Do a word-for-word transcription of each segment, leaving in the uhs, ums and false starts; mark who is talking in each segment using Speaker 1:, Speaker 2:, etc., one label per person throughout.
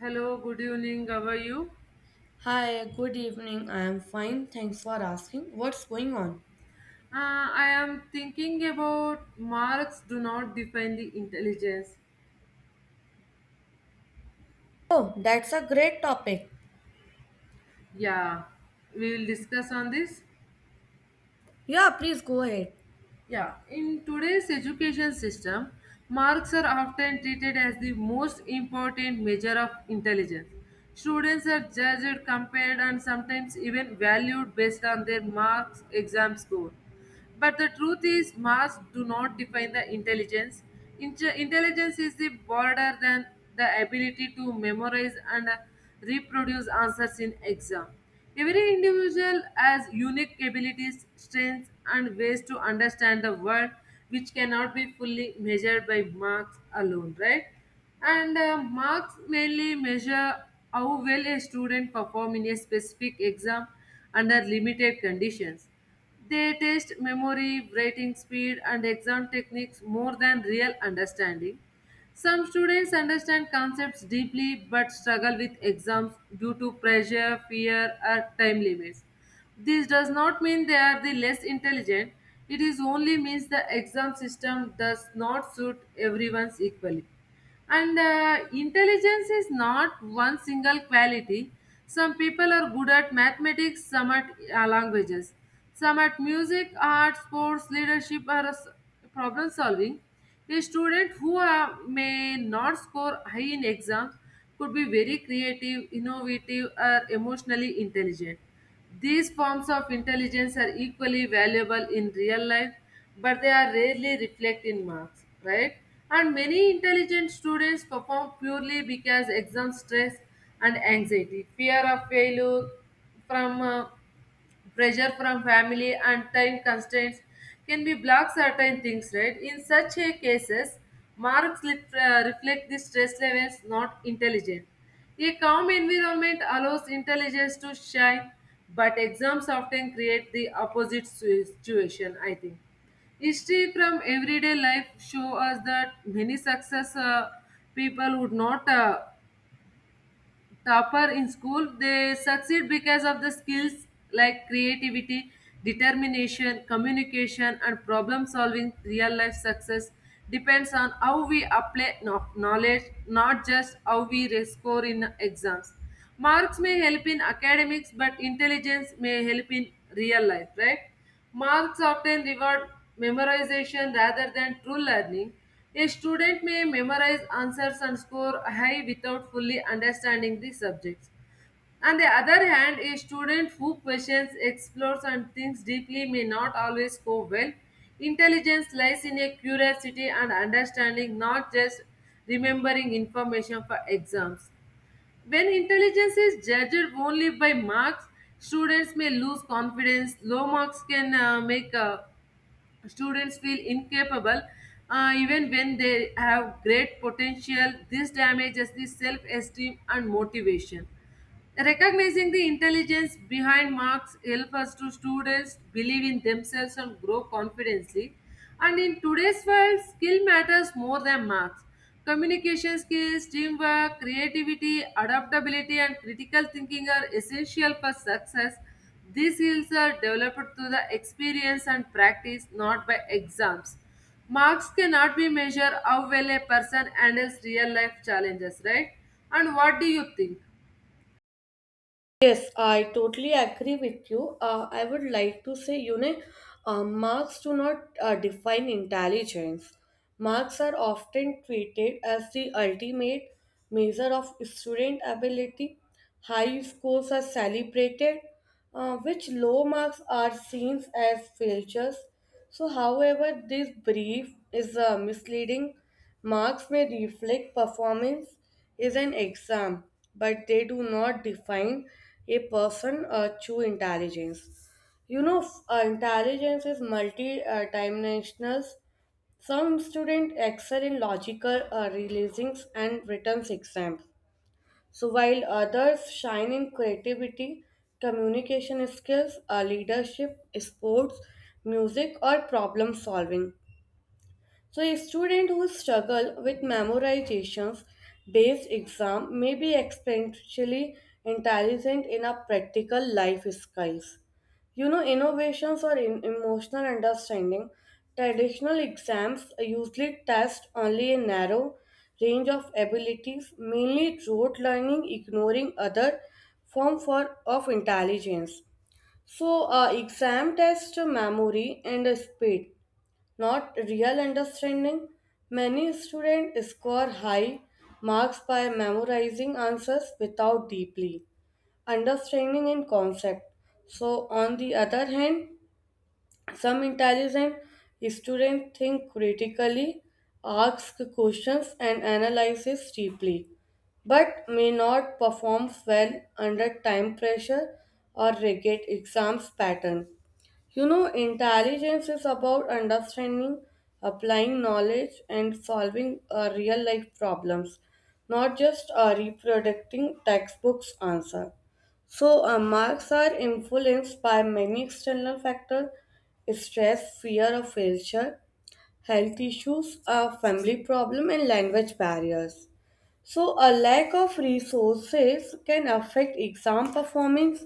Speaker 1: Hello, good evening. How are you?
Speaker 2: Hi, good evening. I am fine. Thanks for asking. What's going on?
Speaker 1: Uh, I am thinking about marks do not define the intelligence.
Speaker 2: Oh, that's a great topic.
Speaker 1: Yeah, we will discuss on this.
Speaker 2: Yeah, please go ahead.
Speaker 1: Yeah, in today's education system, marks are often treated as the most important measure of intelligence. Students are judged, compared, and sometimes even valued based on their marks, exam score. But the truth is, marks do not define the intelligence. Inte- intelligence is the broader than the ability to memorize and uh, reproduce answers in exam. Every individual has unique abilities, strengths, and ways to understand the world, which cannot be fully measured by marks alone, right? And uh, marks mainly measure how well a student perform in a specific exam under limited conditions. They test memory, writing speed, and exam techniques more than real understanding. Some students understand concepts deeply but struggle with exams due to pressure, fear, or time limits. This does not mean they are the less intelligent. It is only means the exam system does not suit everyone's equally. And uh, intelligence is not one single quality. Some people are good at mathematics, some at uh, languages, some at music, art, sports, leadership, or s- problem solving. A student who uh, may not score high in exams could be very creative, innovative, or emotionally intelligent. These forms of intelligence are equally valuable in real life, but they are rarely reflected in marks, right? And many intelligent students perform purely because exam stress and anxiety, fear of failure from uh, pressure from family and time constraints can be block certain things right in such a cases marks lit, uh, reflect the stress levels not intelligence. A calm environment allows intelligence to shine, but exams often create the opposite si- situation, I think. History from everyday life show us that many success uh, people would not uh, topper in school. They succeed because of the skills like creativity, determination, communication, and problem solving. Real life success depends on how we apply no- knowledge, not just how we re- score in exams. Marks may help in academics, but intelligence may help in real life, right? Marks often reward memorization rather than true learning. A student may memorize answers and score high without fully understanding the subjects. On the other hand, a student who questions, explores, and thinks deeply may not always score well. Intelligence lies in a curiosity and understanding, not just remembering information for exams. When intelligence is judged only by marks, students may lose confidence. Low marks can uh, make uh, students feel incapable, uh, even when they have great potential. This damages the self-esteem and motivation. Recognizing the intelligence behind marks help us to students believe in themselves and grow confidently. And in today's world, skill matters more than marks. Communication skills, teamwork, creativity, adaptability, and critical thinking are essential for success. These skills are developed through the experience and practice, not by exams. Marks cannot be measured how well a person handles real life challenges, right? And what do you think?
Speaker 2: Yes, I totally agree with you. Uh, I would like to say, you know, uh, marks do not uh, define intelligence. Marks are often treated as the ultimate measure of student ability. High scores are celebrated, uh, which low marks are seen as failures. So, however, this brief is uh, misleading. Marks may reflect performance is an exam, but they do not define a person or true intelligence. You know, f- uh, intelligence is multi-dimensional. Some students excel in logical uh, reasonings and written exams, so while others shine in creativity, communication skills, uh, leadership, sports, music, or problem solving. So a student who struggle with memorizations based exam may be especially intelligent in a practical life skills. You know, innovations or in emotional understanding. Traditional exams usually test only a narrow range of abilities, mainly rote learning, ignoring other form for of intelligence. So, uh, exam test memory and speed not real understanding. Many students score high marks by memorizing answers without deeply understanding in concept. So, on the other hand, some intelligent students think critically, ask questions, and analyzes deeply, but may not perform well under time pressure or rigid exams pattern. You know, intelligence is about understanding, applying knowledge, and solving uh, real life problems, not just uh, reproducting textbooks' answer. So, uh, marks are influenced by many external factors stress, fear of failure, health issues, uh, family problem, and language barriers. So, a lack of resources can affect exam performance.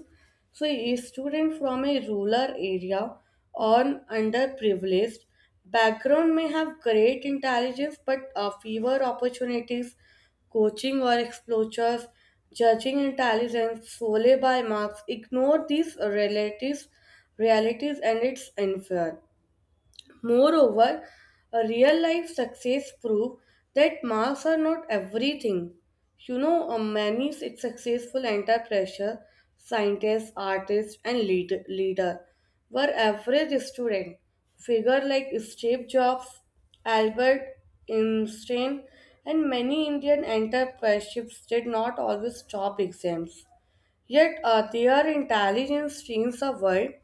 Speaker 2: So, a student from a rural area or an underprivileged background may have great intelligence but uh, fewer opportunities, coaching or exposures, judging intelligence solely by marks. Ignore these relatives, realities and its unfair. Moreover, a real life success prove that marks are not everything. You know, uh, many s- successful under pressure, scientists, artists, and lead- leader were average student. Figure like Steve Jobs, Albert Einstein, and many Indian entrepreneurs did not always top exams. Yet uh, their intelligence changed the world,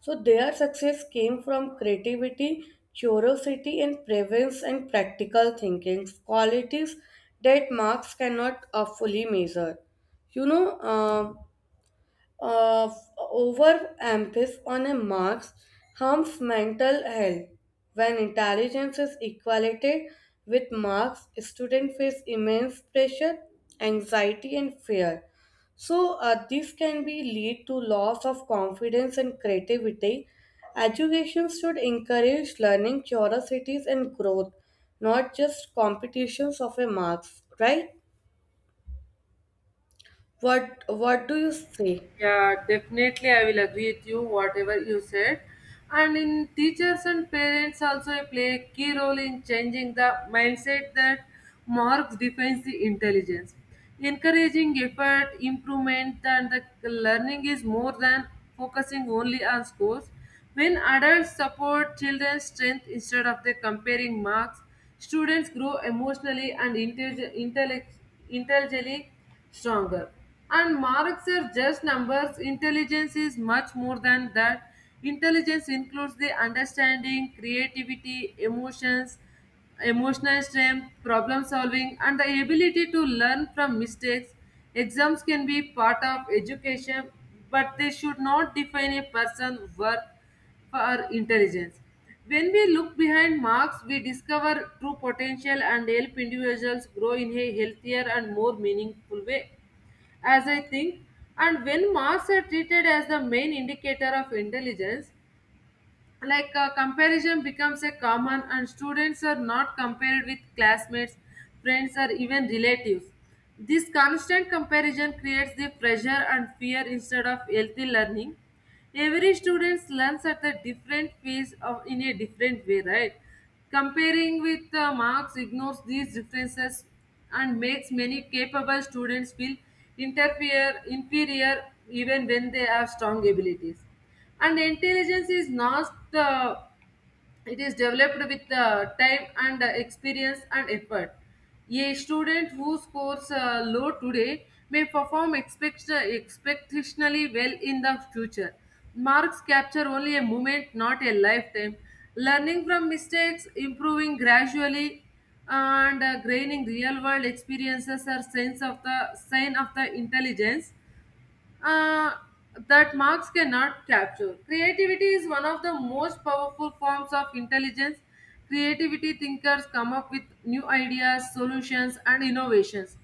Speaker 2: so their success came from creativity, curiosity, and presence and practical thinking, qualities that marks cannot uh, fully measure. You know. um uh, Overemphasis on a marks harms mental health. When intelligence is equated with marks, students face immense pressure, anxiety, and fear. So uh, this can be lead to loss of confidence and creativity. Education should encourage learning, curiosities, and growth, not just competitions of a marks. Right? What What do you say?
Speaker 1: Yeah, definitely, I will agree with you, whatever you said. And in teachers and parents also play a key role in changing the mindset that marks defines the intelligence. Encouraging effort, improvement, and the learning is more than focusing only on scores. When adults support children's strength instead of they comparing marks, students grow emotionally and intelli- intellect- intelligently stronger. And marks are just numbers. Intelligence is much more than that. Intelligence includes the understanding, creativity, emotions, emotional strength, problem solving, and the ability to learn from mistakes. Exams can be part of education, but they should not define a person's worth for our intelligence. When we look behind marks, we discover true potential and help individuals grow in a healthier and more meaningful way, as I think. And when marks are treated as the main indicator of intelligence, like uh, comparison becomes a common, and students are not compared with classmates, friends, or even relatives. This constant comparison creates the pressure and fear instead of healthy learning. Every student learns at a different pace of in a different way, right? Comparing with uh, marks ignores these differences and makes many capable students feel interfere inferior, even when they have strong abilities. And intelligence is not the, it is developed with the time and uh, experience and effort. A student who scores uh, low today may perform expect- expectationally well in the future. Marks capture only a moment, not a lifetime. Learning from mistakes, improving gradually, and uh, gaining real world experiences are signs of the sign of the intelligence uh, that marks cannot capture. Creativity is one of the most powerful forms of intelligence. Creativity thinkers come up with new ideas, solutions, and innovations.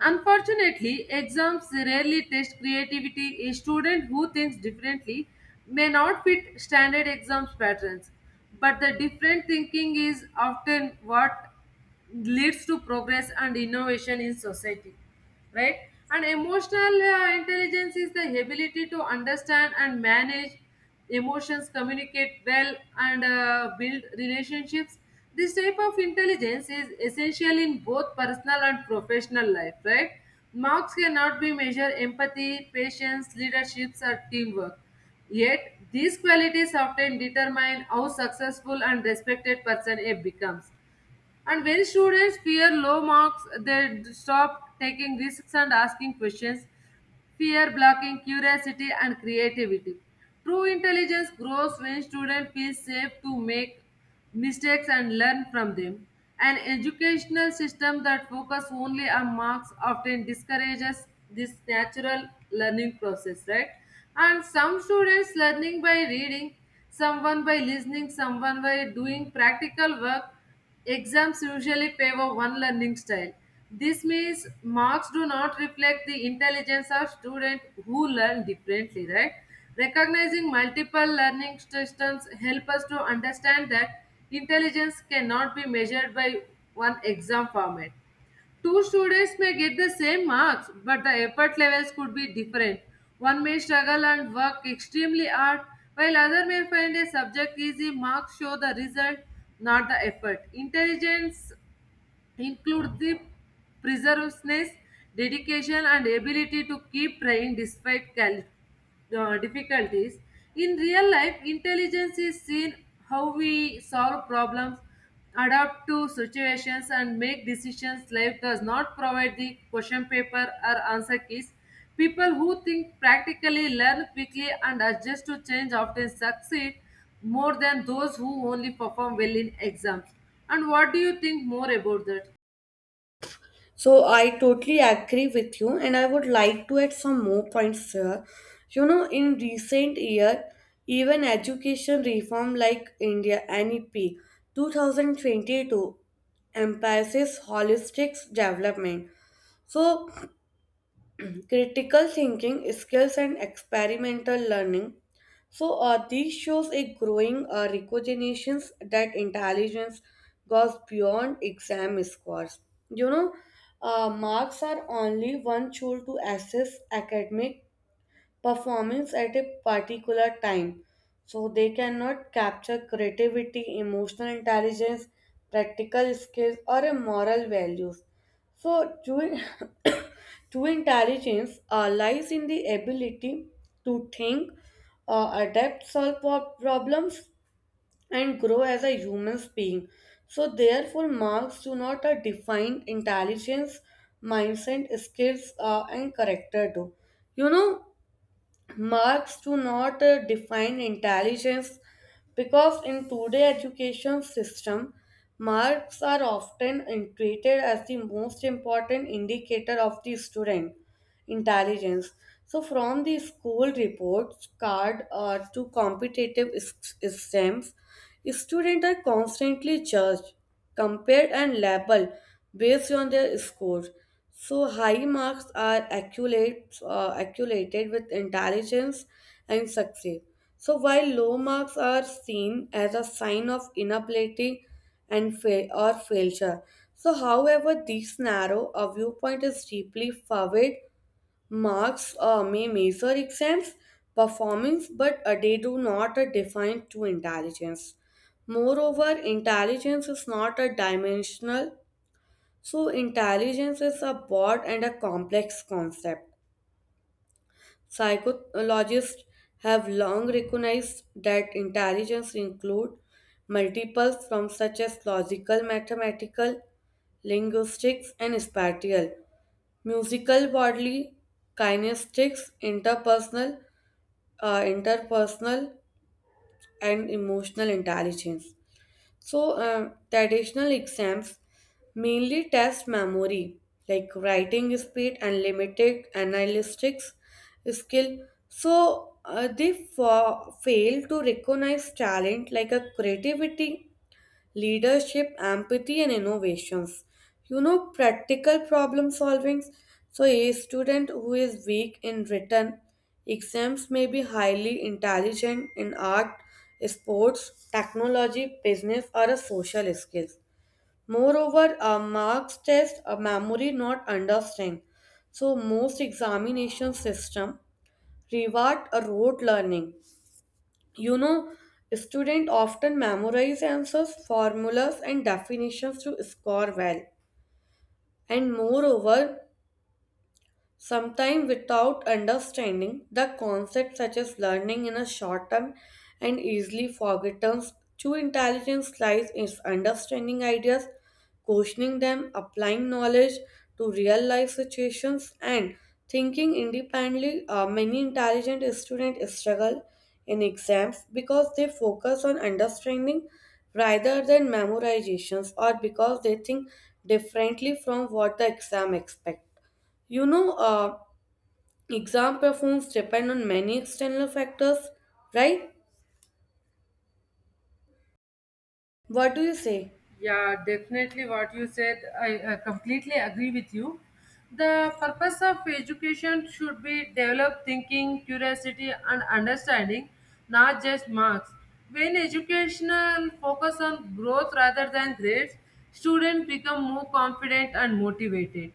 Speaker 1: Unfortunately, exams rarely test creativity. A student who thinks differently may not fit standard exams patterns, but the different thinking is often what leads to progress and innovation in society, right? And emotional uh, intelligence is the ability to understand and manage emotions, communicate well, and uh, build relationships. This type of intelligence is essential in both personal and professional life, right? Marks cannot be measured empathy, patience, leaderships, or teamwork, yet these qualities often determine how successful and respected person a becomes. And when students fear low marks, they d- stop taking risks and asking questions, fear blocking curiosity and creativity. True intelligence grows when students feel safe to make mistakes and learn from them. An educational system that focuses only on marks often discourages this natural learning process, right? And some students learning by reading, someone by listening, someone by doing practical work. Exams usually favor one learning style. This means marks do not reflect the intelligence of students who learn differently, right? Recognizing multiple learning systems help us to understand that intelligence cannot be measured by one exam format. Two students may get the same marks, but the effort levels could be different. One may struggle and work extremely hard, while other may find a subject easy. Marks show the result, not the effort. Intelligence include the perseverance, dedication, and ability to keep trying despite cal- uh, difficulties. In real life, intelligence is seen how we solve problems, adapt to situations, and make decisions. Life does not provide the question paper or answer keys. People who think practically, learn quickly, and adjust to change often succeed more than those who only perform well in exams. And what do you think more about that?
Speaker 2: So I totally agree with you, and I would like to add some more points here. You know, in recent year, even education reform like India N E P twenty twenty-two emphasizes holistic development. So critical thinking skills and experimental learning, so uh, these shows a growing uh, recognition that intelligence goes beyond exam scores. You know, uh, marks are only one tool to assess academic performance at a particular time. So they cannot capture creativity, emotional intelligence, practical skills, or a moral values. So true, true intelligence uh, lies in the ability to think, uh, adapt, solve pro- problems, and grow as a human being. So therefore, marks do not uh, define intelligence, mindset, skills, uh, and character. Do you know? Marks do not uh, define intelligence because in today's education system, marks are often treated as the most important indicator of the student intelligence. So, from the school reports card uh, to competitive s- exams, students are constantly judged, compared, and labeled based on their scores. So, high marks are accumulate, uh, accumulated with intelligence and success. So, while low marks are seen as a sign of inability and fail or failure, so, however, this narrow a viewpoint is deeply flawed. Marks uh, may measure exams performance, but uh, they do not uh, define to intelligence. Moreover, intelligence is not a dimensional, so intelligence is a broad and a complex concept. Psychologists have long recognized that intelligence includes multiples from such as logical, mathematical, linguistics, and spatial. Musical bodily kinesthetics, interpersonal, uh, interpersonal, and emotional intelligence. So, uh, traditional exams mainly test memory, like writing speed and limited analytics skill. So, uh, they fa- fail to recognize talent like a creativity leadership, empathy, and innovations. You know, practical problem solving. So, a student who is weak in written exams may be highly intelligent in art, sports, technology, business, or a social skills. Moreover, a marks test a memory not understand. So, most examination system reward a rote learning. You know, students often memorize answers, formulas, and definitions to score well. And moreover, sometimes, without understanding the concepts such as learning in a short term and easily forgotten, true intelligence lies in understanding ideas, questioning them, applying knowledge to real life situations, and thinking independently. Uh, many intelligent students struggle in exams because they focus on understanding rather than memorizations or because they think differently from what the exam expects. You know, uh, exam performance depend on many external factors, right? What do you say?
Speaker 1: Yeah, definitely what you said. I, I completely agree with you. The purpose of education should be develop thinking, curiosity, and understanding, not just marks. When educational focus on growth rather than grades, students become more confident and motivated.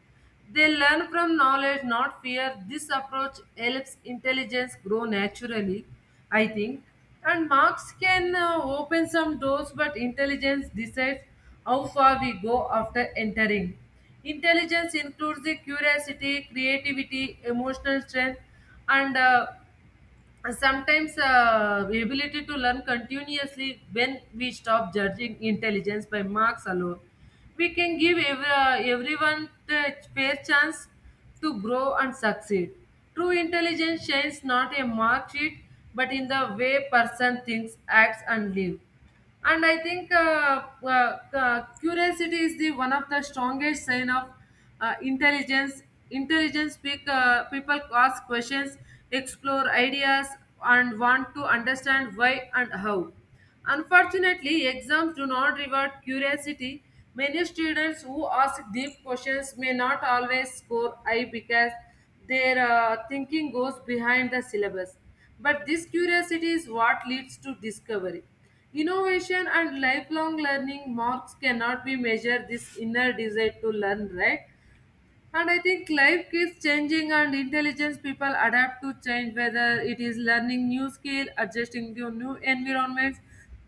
Speaker 1: They learn from knowledge, not fear. This approach helps intelligence grow naturally, I think. And marks can uh, open some doors, but intelligence decides how far we go after entering. Intelligence includes the curiosity, creativity, emotional strength, and uh, and sometimes uh, the ability to learn continuously. When we stop judging intelligence by marks alone, we can give ev- uh, everyone the fair chance to grow and succeed. True intelligence shines not in mark sheet, but in the way person thinks, acts, and lives. And I think uh, uh, uh, curiosity is the one of the strongest sign of uh, intelligence. Intelligence pick, uh, people ask questions, explore ideas, and want to understand why and how. Unfortunately, exams do not reward curiosity. Many students who ask deep questions may not always score high because their uh, thinking goes behind the syllabus, but this curiosity is what leads to discovery, innovation, and lifelong learning. Marks cannot be measured this inner desire to learn, right? And I think life keeps changing, and intelligence people adapt to change, whether it is learning new skill, adjusting to new environments,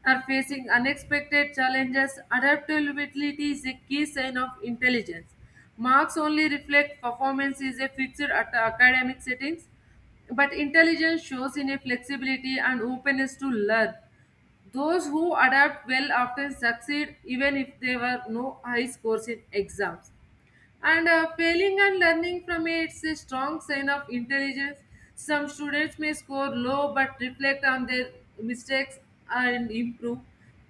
Speaker 1: or facing unexpected challenges. Adaptability is a key sign of intelligence. Marks only reflect performance is a fixed at academic settings, but intelligence shows in a flexibility and openness to learn. Those who adapt well often succeed even if they were no high scores in exams. And uh, failing and learning from it is a strong sign of intelligence. Some students may score low but reflect on their mistakes and improve.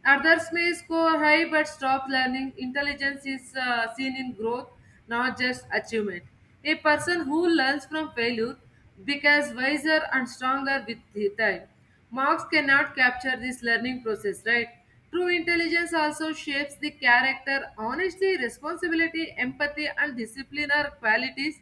Speaker 1: Others may score high but stop learning. Intelligence is uh, seen in growth, not just achievement. A person who learns from failure becomes wiser and stronger with the time. Marks cannot capture this learning process, right? True intelligence also shapes the character. Honesty, responsibility, empathy, and discipline are qualities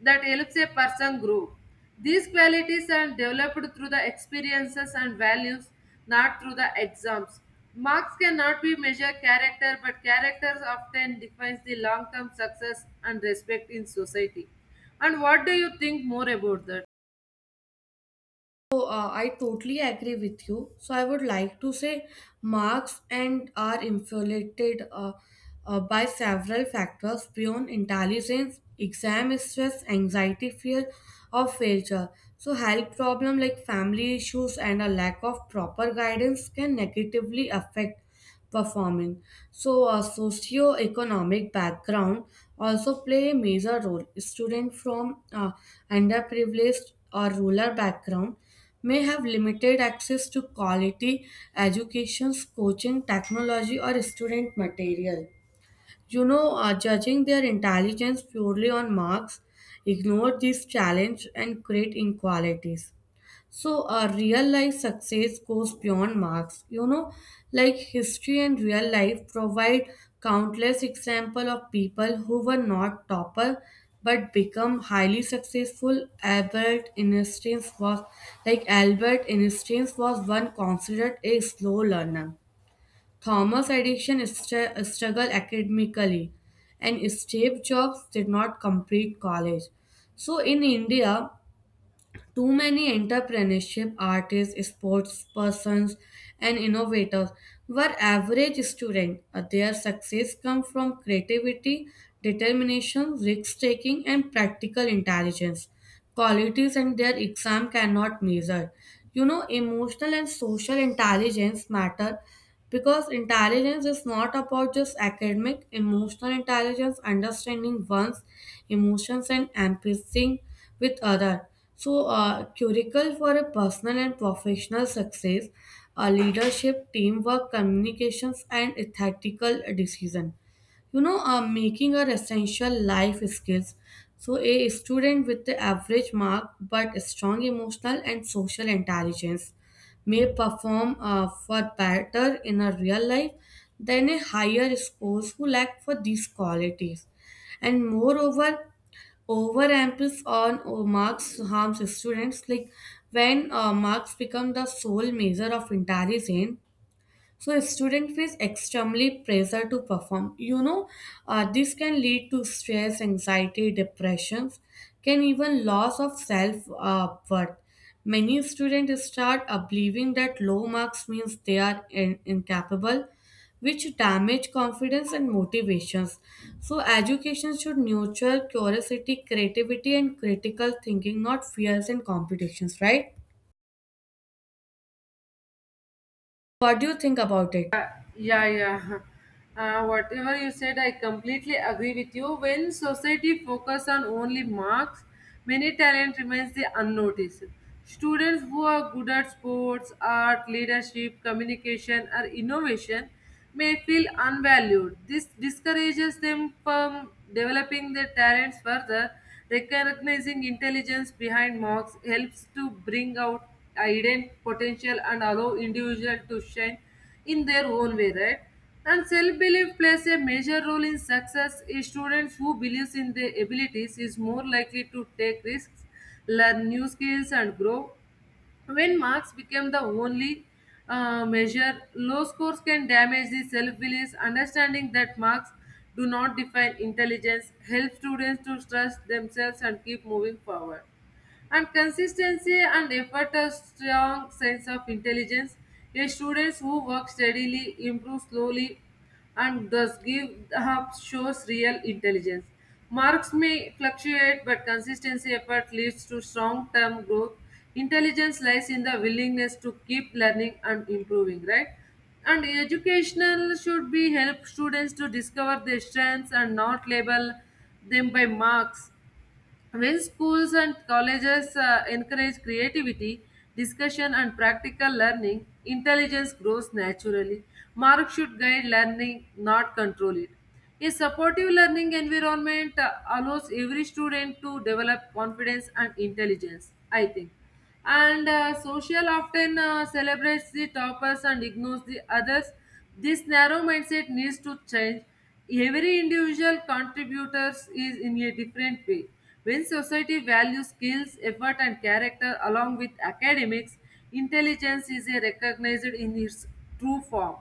Speaker 1: that helps a person grow. These qualities are developed through the experiences and values, not through the exams. Marks cannot be measure character, but characters often defines the long-term success and respect in society. And what do you think more about that?
Speaker 2: So, uh, I totally agree with you. So, I would like to say marks and are inflated uh, uh, by several factors beyond intelligence, exam stress, anxiety, fear of failure. So, health problem like family issues and a lack of proper guidance can negatively affect performing. So, a socio-economic background also play a major role. Students from uh, underprivileged or rural background may have limited access to quality educations, coaching, technology, or student material. You know, uh, judging their intelligence purely on marks ignore these challenges and create inequalities. So, uh, real life success goes beyond marks. You know, like history and real life provide countless example of people who were not topper but become highly successful. Albert Einstein was like Albert Einstein was one considered a slow learner. Thomas Edison str- struggled academically, and Steve Jobs did not complete college. So in India, too many entrepreneurship artists, sports persons, and innovators were average students. Uh, Their success comes from creativity, determination, risk taking, and practical intelligence. Qualities and their exam cannot measure. You know, emotional and social intelligence matter because intelligence is not about just academic emotional intelligence understanding one's emotions and empathy with other, so, uh, curricle for a personal and professional success, uh, leadership, teamwork, communications, and ethical decision. You know, uh, making are essential life skills. So, a student with the average mark but strong emotional and social intelligence may perform uh, for better in a real life than a higher scores who lack for these qualities. And moreover, overemphasis on uh, marks harms students. Like when uh, marks become the sole measure of intelligence, so student feels extremely pressure to perform. You know, uh, this can lead to stress, anxiety, depressions, can even loss of self uh, worth. Many students start uh, believing that low marks means they are in- incapable, which damage confidence and motivations. So education should nurture curiosity, creativity, and critical thinking, not fears and competitions. Right? What do you think about it?
Speaker 1: Yeah, yeah. Uh, whatever you said, I completely agree with you. When society focus on only marks, many talent remains the unnoticed. Students who are good at sports, art, leadership, communication, or innovation may feel unvalued. This discourages them from developing their talents further. Recognizing intelligence behind marks helps to bring out hidden potential and allow individual to shine in their own way, right? And self-belief plays a major role in success. A student who believes in their abilities is more likely to take risks, learn new skills, and grow. When marks become the only uh, measure, low scores can damage the self belief. Understanding that marks do not define intelligence helps students to trust themselves and keep moving forward. And consistency and effort are strong sense of intelligence. A student who works steadily improves slowly and thus give up shows real intelligence. Marks may fluctuate, but consistency effort leads to strong term growth. Intelligence lies in the willingness to keep learning and improving, right? And educational should be help students to discover their strengths and not label them by marks. When schools and colleges uh, encourage creativity, discussion, and practical learning, intelligence grows naturally. Marks should guide learning, not control it. A supportive learning environment uh, allows every student to develop confidence and intelligence, I think. And uh, social often uh, celebrates the toppers and ignores the others. This narrow mindset needs to change. Every individual contributors is in a different way. When society values skills, effort, and character along with academics, intelligence is a recognized in its true form.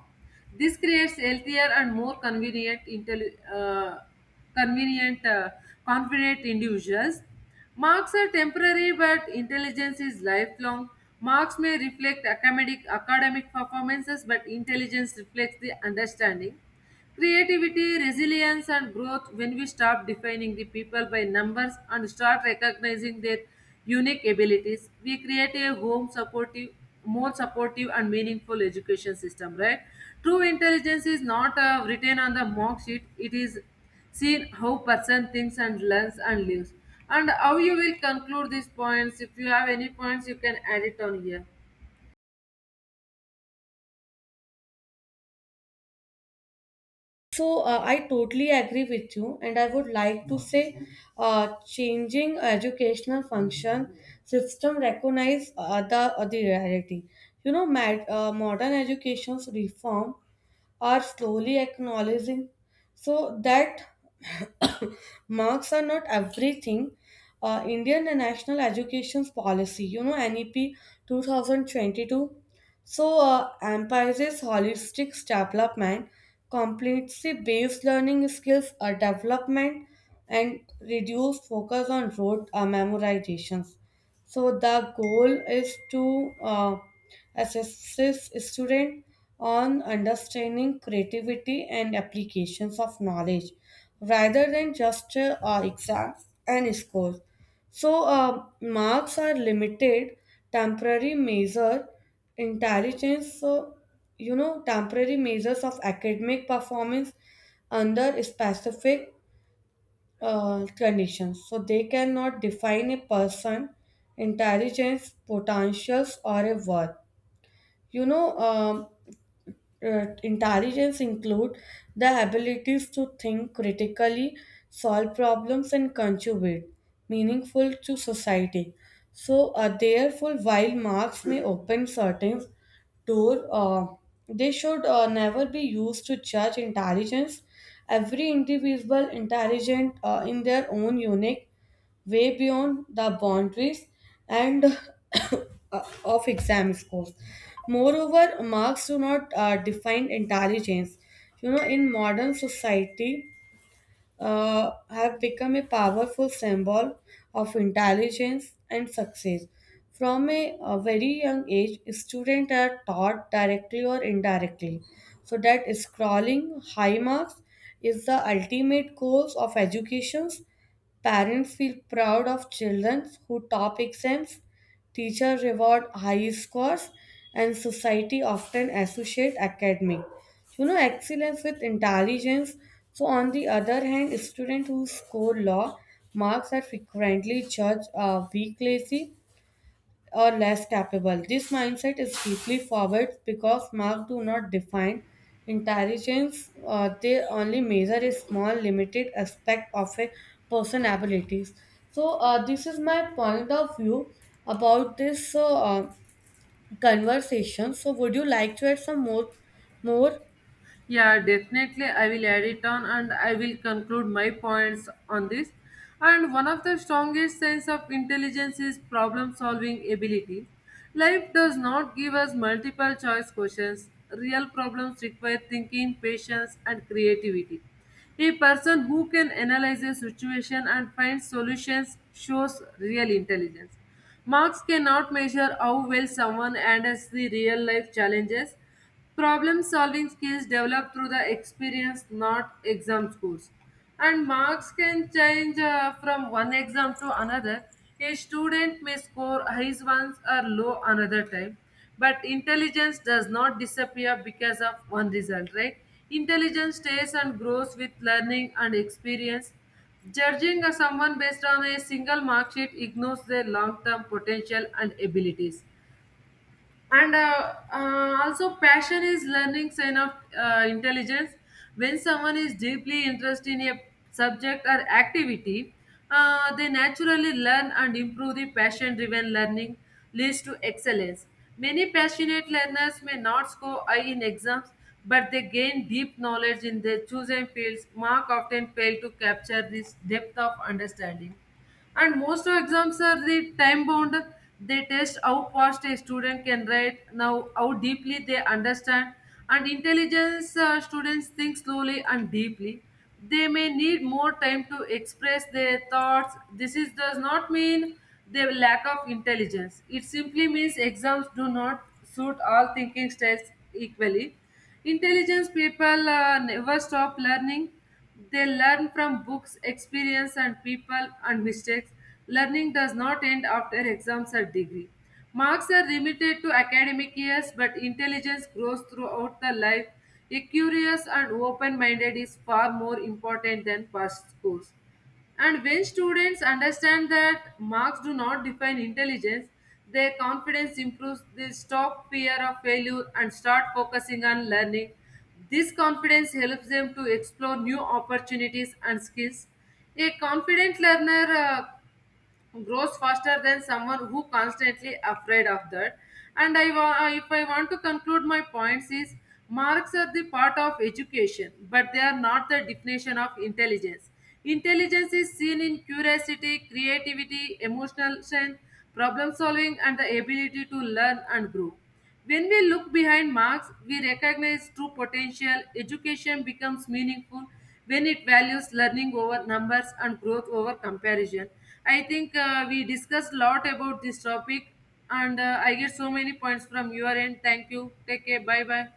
Speaker 1: This creates healthier and more convenient, intelli- uh, convenient, uh, confident individuals. Marks are temporary, but intelligence is lifelong. Marks may reflect academic academic performances, but intelligence reflects the understanding. Creativity, resilience, and growth when we stop defining the people by numbers and start recognizing their unique abilities. We create a home supportive, more supportive and meaningful education system, right? True intelligence is not uh, written on the mock sheet, it is seen how person thinks and learns and lives. And how you will conclude these points. If you have any points, you can add it on here.
Speaker 2: So uh, I totally agree with you, and I would like to say, uh, changing educational function system recognize uh, the, uh, the reality. You know, mad, uh, modern education's reform are slowly acknowledging. So that marks are not everything. Uh, Indian National Education Policy, you know, N E P two thousand twenty-two. So, uh, emphasizes holistic development, completely based learning skills uh, development, and reduce focus on rote uh, memorizations. So the goal is to uh, assess student on understanding creativity and applications of knowledge rather than just uh, uh, exams and scores. So uh, marks are limited temporary measure intelligence. So you know temporary measures of academic performance under specific uh, conditions. So they cannot define a person, intelligence, potentials, or a worth. You know, um, uh, Intelligence include the abilities to think critically, solve problems, and contribute meaningful to society. So, uh, therefore, while marks may open certain door, uh, they should uh, never be used to judge intelligence. Every individual intelligent uh, in their own unique way beyond the boundaries and of exam scores. Moreover, marks do not uh, define intelligence. You know, in modern society, uh, have become a powerful symbol of intelligence and success. From a, a very young age, students are taught directly or indirectly, so that scrolling high marks is the ultimate goal of education. Parents feel proud of children who top exams. Teacher reward high scores and society often associate academic, you know, excellence with intelligence. So on the other hand, students who score low marks are frequently judged uh, weak lazy or less capable. This mindset is deeply forward because marks do not define intelligence, uh, they only measure a small, limited aspect of a person's abilities. So, uh, this is my point of view about this uh, uh, conversation. So, would you like to add some more? more?
Speaker 1: Yeah, definitely. I will add it on and I will conclude my points on this. And one of the strongest signs of intelligence is problem solving ability. Life does not give us multiple choice questions. Real problems require thinking, patience, and creativity. A person who can analyze a situation and find solutions shows real intelligence. Marks cannot measure how well someone handles the real life challenges. Problem solving skills develop through the experience, not exam scores. And marks can change uh, from one exam to another. A student may score high once or low another time, but intelligence does not disappear because of one result, right? Intelligence stays and grows with learning and experience. Judging someone based on a single mark sheet ignores their long term potential and abilities, and uh, uh, also passion is learning sign of uh, intelligence. When someone is deeply interested in a subject or activity, uh, they naturally learn and improve. The passion driven learning leads to excellence. Many passionate learners may not score high in exams, but they gain deep knowledge in their chosen fields. Mark often fail to capture this depth of understanding. And most of exams are the time bound. They test how fast a student can write, now how deeply they understand. And intelligence uh, students think slowly and deeply. They may need more time to express their thoughts. This is, does not mean they lack of intelligence. It simply means exams do not suit all thinking styles equally. Intelligence people uh, never stop learning. They learn from books, experience, and people and mistakes. Learning does not end after exams or degree. Marks are limited to academic years, but intelligence grows throughout the life. A curious and open minded is far more important than past scores. And when students understand that marks do not define intelligence, their confidence improves, they stop fear of failure and start focusing on learning. This confidence helps them to explore new opportunities and skills. A confident learner uh, grows faster than someone who constantly afraid of that. And i wa- uh, if I want to conclude my points is marks are the part of education, but they are not the definition of intelligence. Intelligence is seen in curiosity, creativity, emotional strength, problem solving, and the ability to learn and grow. When we look behind marks, we recognize true potential. Education becomes meaningful when it values learning over numbers and growth over comparison. I think uh, we discussed a lot about this topic, and uh, I get so many points from your end. Thank you. Take care. Bye bye.